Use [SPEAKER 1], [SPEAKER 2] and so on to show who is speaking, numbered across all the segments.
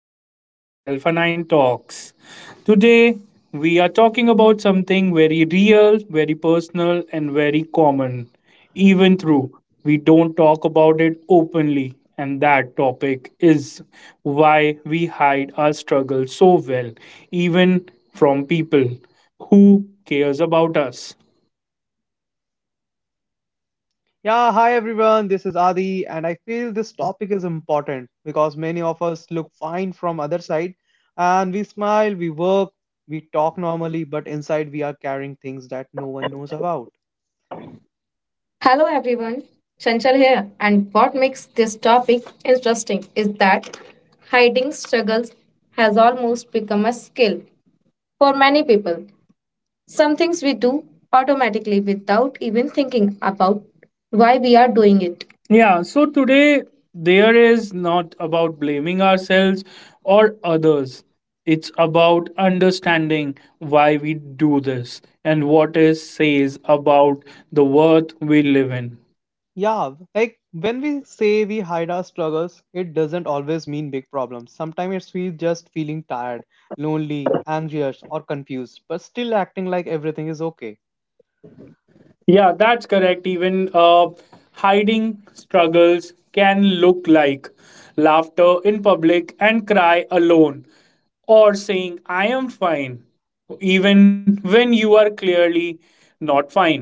[SPEAKER 1] which we call Alpha Nine Talks. Today, we are talking about something very real, very personal, and very common, even though we don't talk about it openly. And that topic is why we hide our struggle so well, even from people who cares about us.
[SPEAKER 2] Yeah, hi everyone. This is Adi, and I feel this topic is important because many of us look fine from other side, and we smile, we work, we talk normally, but inside we are carrying things that no one knows about.
[SPEAKER 1] Hello everyone, Chanchal here, and what makes this topic interesting is that hiding struggles has almost become a skill for many people. Some things we do automatically without even thinking about why we are doing it. Yeah, so today there is not about blaming ourselves or others. It's about understanding why we do this and what it says about the world we live in.
[SPEAKER 2] Yeah, like when we say we hide our struggles, it doesn't always mean big problems. Sometimes it's we just feeling tired, lonely, anxious, or confused, but still acting like everything is okay.
[SPEAKER 1] Yeah, that's correct. Even hiding struggles can look like laughter in public and cry alone, or saying, I am fine, even when you are clearly not fine.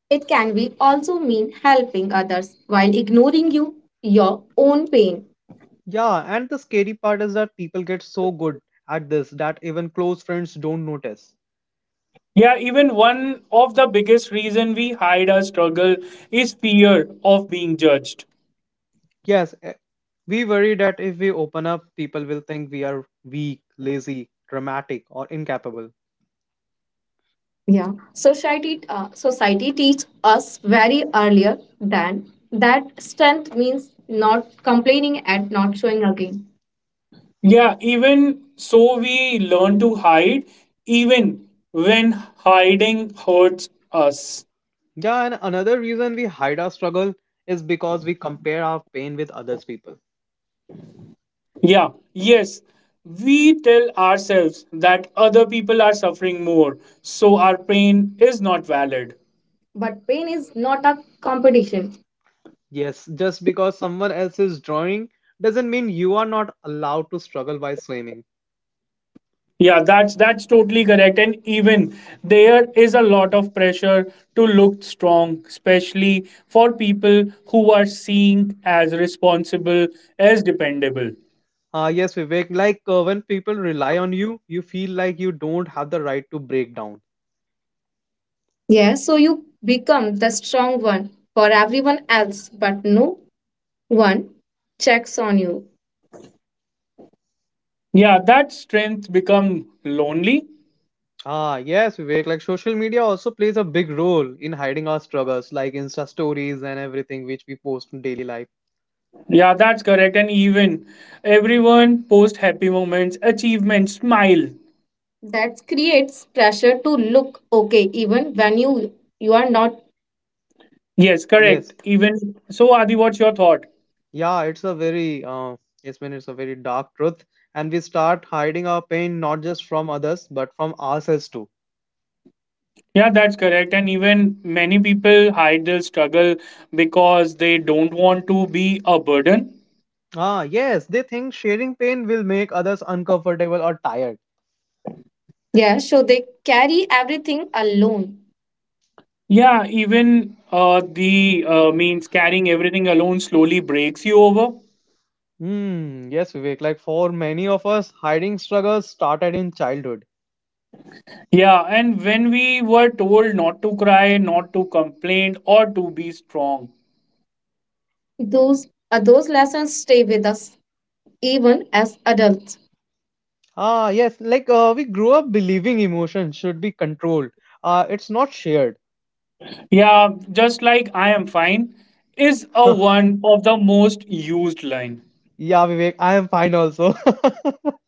[SPEAKER 1] It can be also mean helping others while ignoring your own pain.
[SPEAKER 2] Yeah, and the scary part is that people get so good at this that even close friends don't notice.
[SPEAKER 1] Yeah, even one of the biggest reason we hide our struggle is fear of being judged.
[SPEAKER 2] Yes, we worry that if we open up, people will think we are weak, lazy, dramatic, or incapable.
[SPEAKER 1] Yeah, society teach us very earlier than that strength means not complaining and not showing again. Yeah, even so, we learn to hide, even when hiding hurts us.
[SPEAKER 2] Yeah, and another reason we hide our struggle is because we compare our pain with others people.
[SPEAKER 1] Yeah, yes, we tell ourselves that other people are suffering more, so our pain is not valid. But pain is not a competition.
[SPEAKER 2] Yes, just because someone else is drawing doesn't mean you are not allowed to struggle by swimming.
[SPEAKER 1] Yeah, that's totally correct. And even there is a lot of pressure to look strong, especially for people who are seen as responsible, as dependable.
[SPEAKER 2] Ah, yes, Vivek, like when people rely on you, you feel like you don't have the right to break down.
[SPEAKER 1] Yeah, so you become the strong one for everyone else, but no one checks on you. Yeah, that strength become lonely.
[SPEAKER 2] Ah, yes, Vivek. Like social media also plays a big role in hiding our struggles, like Insta stories and everything which we post in daily life.
[SPEAKER 1] Yeah, that's correct. And even everyone post happy moments, achievements, smile. That creates pressure to look okay even when you are not. Yes, correct.
[SPEAKER 2] Yes,
[SPEAKER 1] Even so, Adi, what's your thought?
[SPEAKER 2] yeah, it's a very yes, man, it's a very dark truth, and we start hiding our pain not just from others but from ourselves too.
[SPEAKER 1] Yeah, that's correct. And even many people hide their struggle because they don't want to be a burden.
[SPEAKER 2] Ah, yes, they think sharing pain will make others uncomfortable or tired.
[SPEAKER 1] Yeah, so they carry everything alone. Yeah, even the means carrying everything alone slowly breaks you over.
[SPEAKER 2] Hmm. Yes, Vivek. Like for many of us, hiding struggles started in childhood.
[SPEAKER 1] Yeah, and when we were told not to cry, not to complain, or to be strong. Those lessons stay with us even as adults.
[SPEAKER 2] Ah, yes, like we grew up believing emotions should be controlled. It's not shared.
[SPEAKER 1] Yeah, just like I am fine is a one of the most used line.
[SPEAKER 2] Yeah, Vivek, I am fine also.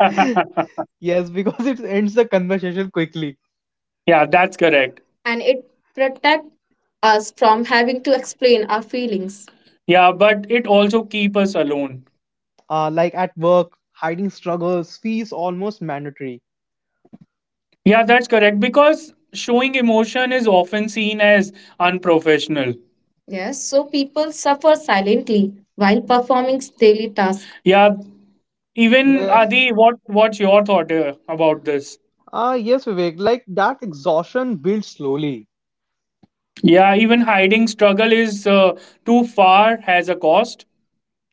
[SPEAKER 2] Yes, because it ends the conversation quickly.
[SPEAKER 1] Yeah, that's correct. And it protect us from having to explain our feelings. Yeah, but it also keep us alone.
[SPEAKER 2] Like at work, hiding struggles feels almost mandatory.
[SPEAKER 1] Yeah, that's correct because showing emotion is often seen as unprofessional. Yes, so people suffer silently while performing daily tasks. Yeah, even
[SPEAKER 2] Yes.
[SPEAKER 1] Adi, what's your thought about this?
[SPEAKER 2] Ah, yes, Vivek, like that exhaustion builds slowly.
[SPEAKER 1] Yeah, even hiding struggle is too far has a cost.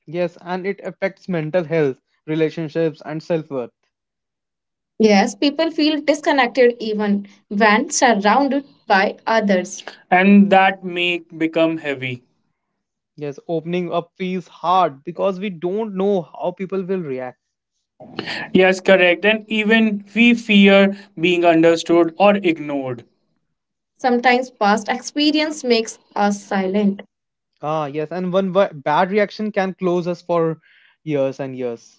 [SPEAKER 2] Yes, and it affects mental health, relationships, and self-worth.
[SPEAKER 1] Yes, people feel disconnected even when surrounded by others. And that make become heavy.
[SPEAKER 2] Yes, opening up feels hard because we don't know how people will react.
[SPEAKER 1] Yes, correct, and even we fear being understood or ignored. Sometimes past experience makes us silent.
[SPEAKER 2] Ah, yes, and one bad reaction can close us for years and years.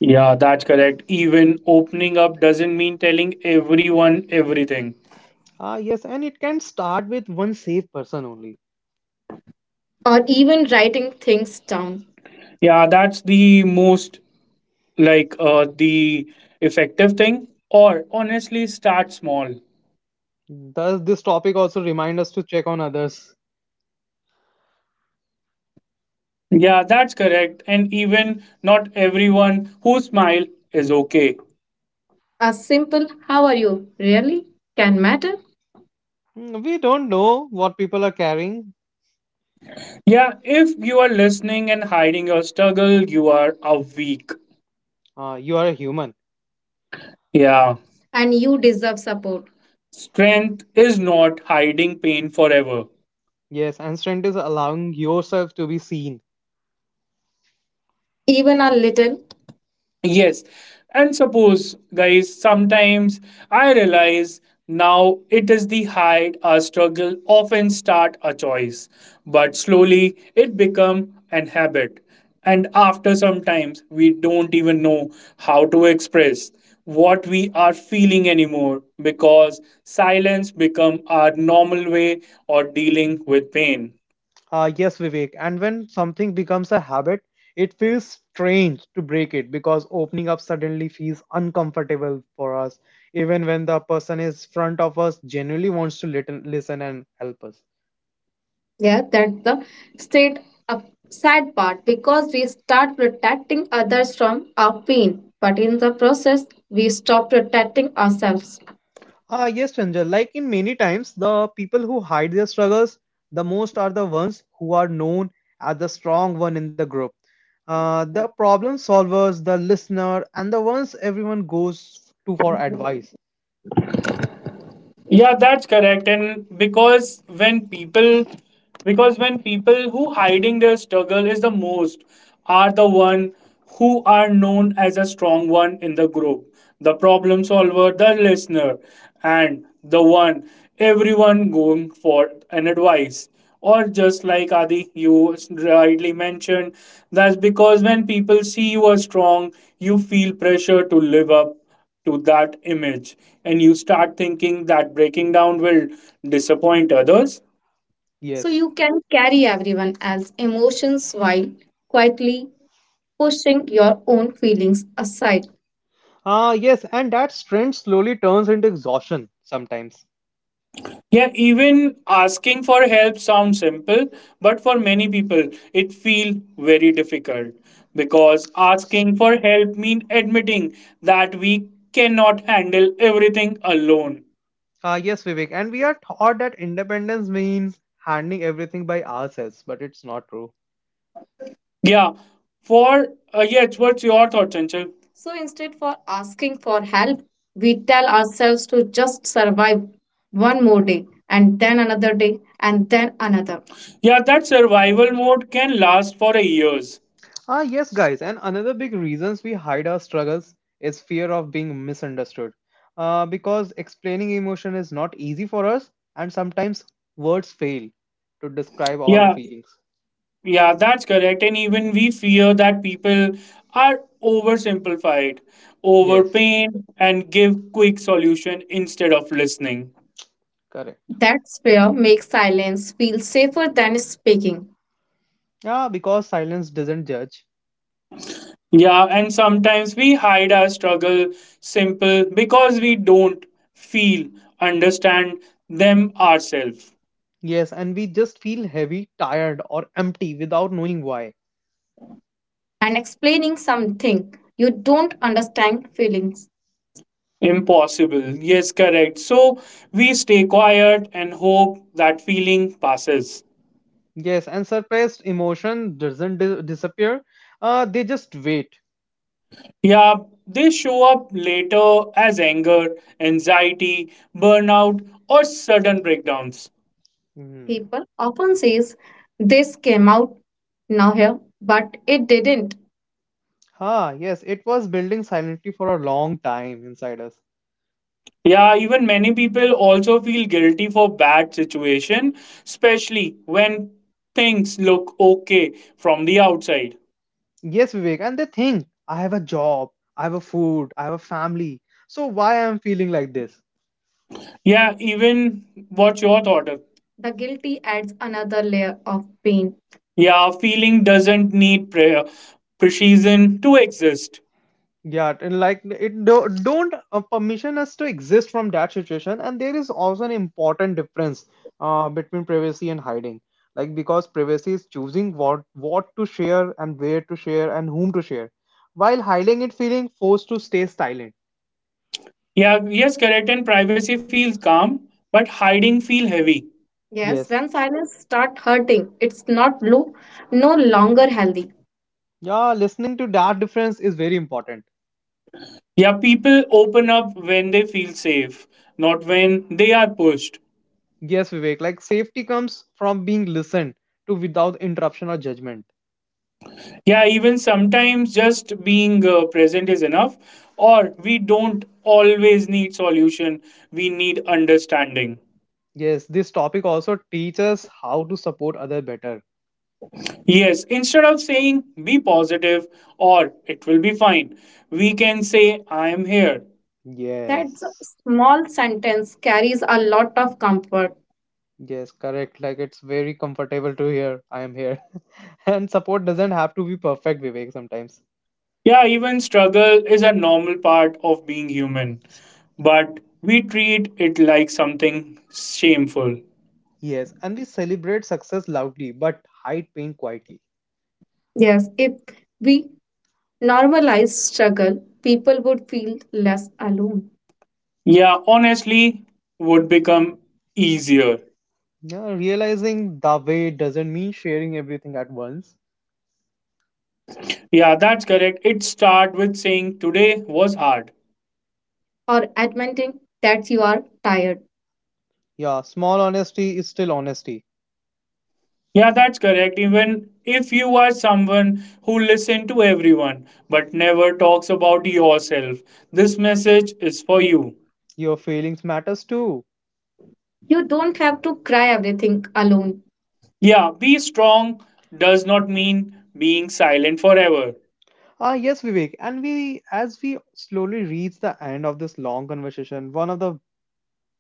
[SPEAKER 1] Yeah, that's correct. Even opening up doesn't mean telling everyone everything
[SPEAKER 2] Ah, yes, and it can start with one safe person only.
[SPEAKER 1] or even writing things down. Yeah, that's the most like the effective thing. Or honestly, start small.
[SPEAKER 2] Does this topic also remind us to check on others?
[SPEAKER 1] Yeah, that's correct. And even not everyone who smile is okay. A simple how are you really can matter.
[SPEAKER 2] Mm, we don't know what people are carrying.
[SPEAKER 1] Yeah, if you are listening and hiding your struggle, you are a weak.
[SPEAKER 2] Ah, you are a human.
[SPEAKER 1] Yeah, and you deserve support. Strength is not hiding pain forever.
[SPEAKER 2] Yes, and strength is allowing yourself to be seen.
[SPEAKER 1] Even a little. Yes. And suppose, guys, sometimes I realize now it is the hide our struggle often start a choice, but slowly it become an habit. And after sometimes we don't even know how to express what we are feeling anymore because silence become our normal way or dealing with pain.
[SPEAKER 2] Yes, Vivek. And when something becomes a habit, it feels strange to break it because opening up suddenly feels uncomfortable for us, even when the person is front of us genuinely wants to listen and help us.
[SPEAKER 1] Yeah, that's the state up sad part because we start protecting others from our pain, but in the process, we stop protecting ourselves.
[SPEAKER 2] Ah, yes, Chanjal. Like in many times, the people who hide their struggles the most are the ones who are known as the strong one in the group. The problem solvers, the listener, and the ones everyone goes to for advice.
[SPEAKER 1] Yeah, that's correct. And because when people who hiding their struggle is the most are the one who are known as a strong one in the group, the problem solver, the listener, and the one everyone going for an advice. Or just like Adi, you rightly mentioned, that's because when people see you are strong, you feel pressure to live up to that image and you start thinking that breaking down will disappoint others. So you
[SPEAKER 2] Yes.
[SPEAKER 1] can carry everyone else's emotions while quietly pushing your own feelings aside.
[SPEAKER 2] Ah, yes, and that strength slowly turns into exhaustion sometimes.
[SPEAKER 1] Yeah, even asking for help sounds simple, but for many people it feel very difficult because asking for help means admitting that we cannot handle everything alone.
[SPEAKER 2] Ah, yes, Vivek, and we are taught that independence means handling everything by ourselves, but it's not true.
[SPEAKER 1] Yeah. For yeah, what's your thought, Chanchal? So instead for asking for help, we tell ourselves to just survive one more day and then another day and then another. Yeah, that
[SPEAKER 2] Yeah.
[SPEAKER 1] survival mode can last for a years.
[SPEAKER 2] Ah, yes, guys, and another big reasons we hide our struggles is fear of being misunderstood. Because explaining emotion is not easy for us, and sometimes words fail to describe all the
[SPEAKER 1] Yeah,
[SPEAKER 2] feelings.
[SPEAKER 1] yeah, that's correct. And even we fear that people are oversimplified,
[SPEAKER 2] Yes,
[SPEAKER 1] overpaint, and give quick solution instead of listening.
[SPEAKER 2] correct.
[SPEAKER 1] That fear makes silence feel safer than speaking.
[SPEAKER 2] Yeah, because silence doesn't judge.
[SPEAKER 1] Yeah, and sometimes we hide our struggle simple because we don't feel, understand them ourselves.
[SPEAKER 2] Yes, and we just feel heavy, tired, or empty without knowing why.
[SPEAKER 1] And explaining something you don't understand feelings. Impossible. Yes, correct. So we stay quiet and hope that feeling passes.
[SPEAKER 2] Yes, and suppressed emotion doesn't disappear. They just wait.
[SPEAKER 1] Yeah, they show up later as anger, anxiety, burnout, or sudden breakdowns.
[SPEAKER 2] Hmm.
[SPEAKER 1] People often says this came out now here, but it didn't.
[SPEAKER 2] Ah, yes, it was building silently for a long time inside us.
[SPEAKER 1] Yeah, even many people also feel guilty for bad situation, especially when things look okay from the outside.
[SPEAKER 2] Yes, Vivek, and they think I have a job, I have a food, I have a family. So why I'm feeling like this?
[SPEAKER 1] Yeah, even what's your thought? Of- the guilty adds another layer of pain. Yeah, feeling doesn't need prayer, precision to exist.
[SPEAKER 2] Yeah, and like it do, don't permission us to exist from that situation, and there is also an important difference between privacy and hiding. Like because privacy is choosing what to share and where to share and whom to share, while hiding it feeling forced to stay silent.
[SPEAKER 1] Yeah, yes, correct. And privacy feels calm, but hiding feel heavy. Yes,
[SPEAKER 2] Yes,
[SPEAKER 1] when silence start hurting, it's not blue, no longer healthy.
[SPEAKER 2] yeah, listening to that difference is very important.
[SPEAKER 1] Yeah, people open up when they feel safe, not when they are pushed.
[SPEAKER 2] Yes, Vivek, like safety comes from being listened to without interruption or judgment.
[SPEAKER 1] Yeah, even sometimes just being present is enough. Or we don't always need solution, we need understanding.
[SPEAKER 2] Yes, this topic also teaches how to support other better.
[SPEAKER 1] Yes, instead of saying be positive or it will be fine, we can say I am here. That
[SPEAKER 2] Yes.
[SPEAKER 1] small sentence carries a lot of comfort.
[SPEAKER 2] Yes, correct. Like it's very comfortable to hear I am here. And support doesn't have to be perfect, Vivek, sometimes.
[SPEAKER 1] Yeah, even struggle is a normal part of being human, but we treat it like something shameful.
[SPEAKER 2] Yes, and we celebrate success loudly but hide pain quietly.
[SPEAKER 1] Yes, if we normalize struggle, people would feel less alone. Yeah, honestly, would become easier.
[SPEAKER 2] Yeah, realizing the way doesn't mean sharing everything at once.
[SPEAKER 1] Yeah, that's correct. It start with saying today was hard. Or admitting that you are tired.
[SPEAKER 2] Yeah, small honesty is still honesty.
[SPEAKER 1] Yeah, that's correct. Even if you are someone who listens to everyone but never talks about yourself, this message is for you.
[SPEAKER 2] Your feelings matters too.
[SPEAKER 1] You don't have to cry everything alone. Yeah, be strong does not mean being silent forever.
[SPEAKER 2] Ah, yes, Vivek. And we, as we slowly reach the end of this long conversation, one of the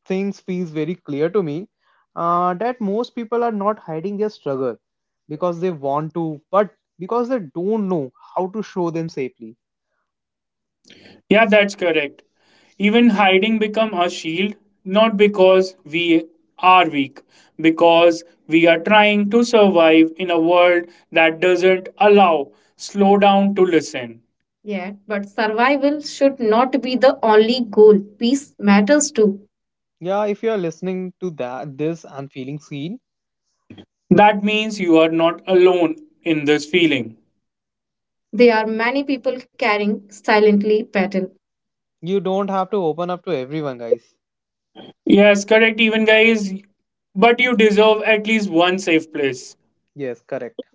[SPEAKER 2] things feels very clear to me that most people are not hiding their struggle because they want to, but because they don't know how to show them safely.
[SPEAKER 1] Yeah, that's correct. Even hiding become a shield not because we are weak, because we are trying to survive in a world that doesn't allow slow down to listen. Yeah, but survival should not be the only goal. Peace matters too.
[SPEAKER 2] Yeah, if you are listening to that this and feeling seen,
[SPEAKER 1] That means you are not alone in this feeling. There are many people carrying silently battle.
[SPEAKER 2] you don't have to open up to everyone, guys.
[SPEAKER 1] Yes, correct, even guys, but you deserve at least one safe place.
[SPEAKER 2] Yes, correct.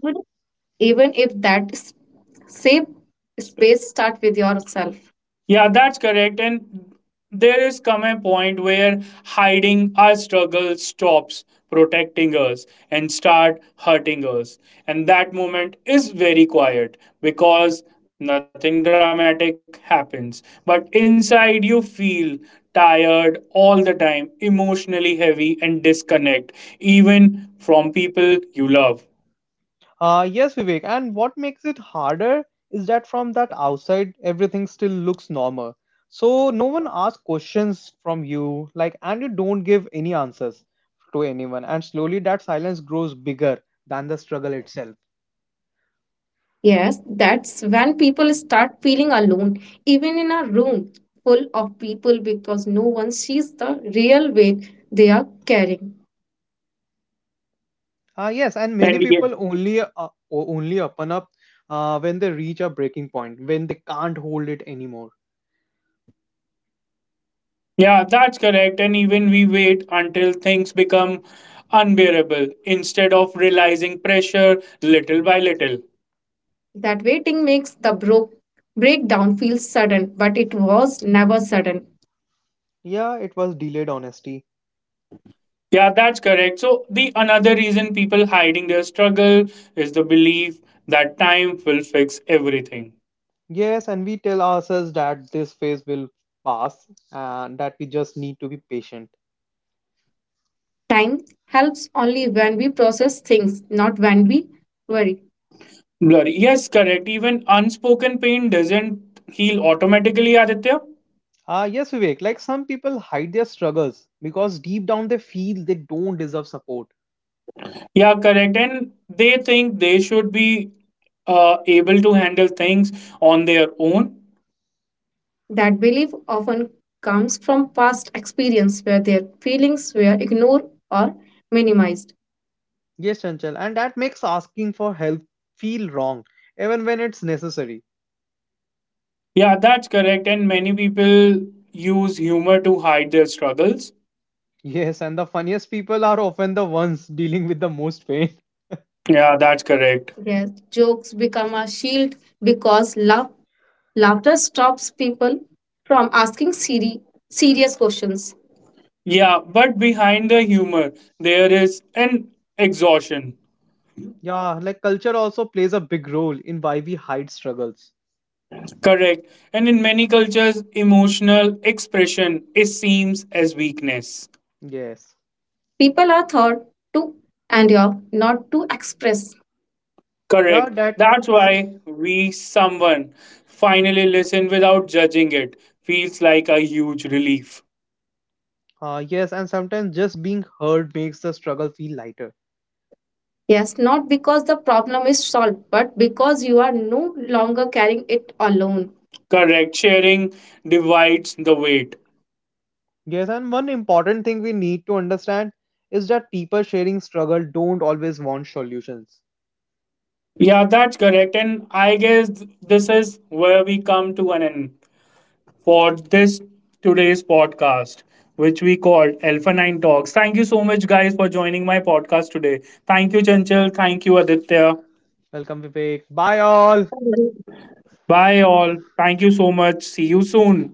[SPEAKER 1] Even if that s- same space start with yourself. Yeah, that's correct. And there is come a point where hiding our struggle stops protecting us and start hurting us. And that moment is very quiet because nothing dramatic happens. But inside you feel tired all the time, emotionally heavy and disconnect, even from people you love.
[SPEAKER 2] Yes, Vivek. And what makes it harder is that from that outside, everything still looks normal. So no one asks questions from you, like, and you don't give any answers to anyone. And slowly that silence grows bigger than the struggle itself.
[SPEAKER 1] Yes, that's when people start feeling alone, even in a room full of people, because no one sees the real weight they are carrying.
[SPEAKER 2] Yes, and many
[SPEAKER 1] And yeah,
[SPEAKER 2] people only open up when they reach a breaking point, when they can't hold it anymore.
[SPEAKER 1] yeah, that's correct. And even we wait until things become unbearable instead of realizing pressure little by little. That waiting makes the breakdown feel sudden, but it was never sudden.
[SPEAKER 2] Yeah, it was delayed honesty.
[SPEAKER 1] Yeah, that's correct. So the another reason people hiding their struggle is the belief that time will fix everything.
[SPEAKER 2] Yes, and we tell ourselves that this phase will pass and that we just need to be patient.
[SPEAKER 1] Time helps only when we process things, not when we worry. Blurry. Yes, correct. Even unspoken pain doesn't heal automatically, Aditya.
[SPEAKER 2] Yes, Vivek, like some people hide their struggles because deep down they feel they don't deserve support.
[SPEAKER 1] Yeah, correct. And they think they should be able to handle things on their own. That belief often comes from past experience where their feelings were ignored or minimized.
[SPEAKER 2] Yes, Chanchal, and that makes asking for help feel wrong, even when it's necessary.
[SPEAKER 1] Yeah, that's correct. And many people use humor to hide their struggles.
[SPEAKER 2] Yes, and the funniest people are often the ones dealing with the most pain.
[SPEAKER 1] Yeah, that's correct. Yes, jokes become a shield because laughter stops people from asking serious questions. Yeah, but behind the humor, there is an exhaustion.
[SPEAKER 2] Yeah, like culture also plays a big role in why we hide struggles.
[SPEAKER 1] Correct. And in many cultures, emotional expression is seems as weakness.
[SPEAKER 2] Yes.
[SPEAKER 1] People are taught to endure, not to express. Correct.
[SPEAKER 2] Yeah, that.
[SPEAKER 1] That's why we someone finally listen without judging it feels like a huge relief.
[SPEAKER 2] Yes, and sometimes just being heard makes the struggle feel lighter.
[SPEAKER 1] Yes, not because the problem is solved, but because you are no longer carrying it alone. Correct. Sharing divides the weight.
[SPEAKER 2] Yes, and one important thing we need to understand is that people sharing struggle don't always want solutions.
[SPEAKER 1] Yeah, that's correct. And I guess this is where we come to an end for this today's podcast, which we called Alpha 9 Talks. Thank you so much, guys, for joining my podcast today. Thank you, Chanchal. Thank you, Aditya.
[SPEAKER 2] Welcome, Vivek. Bye, all.
[SPEAKER 1] Bye, all. Thank you so much. See you soon.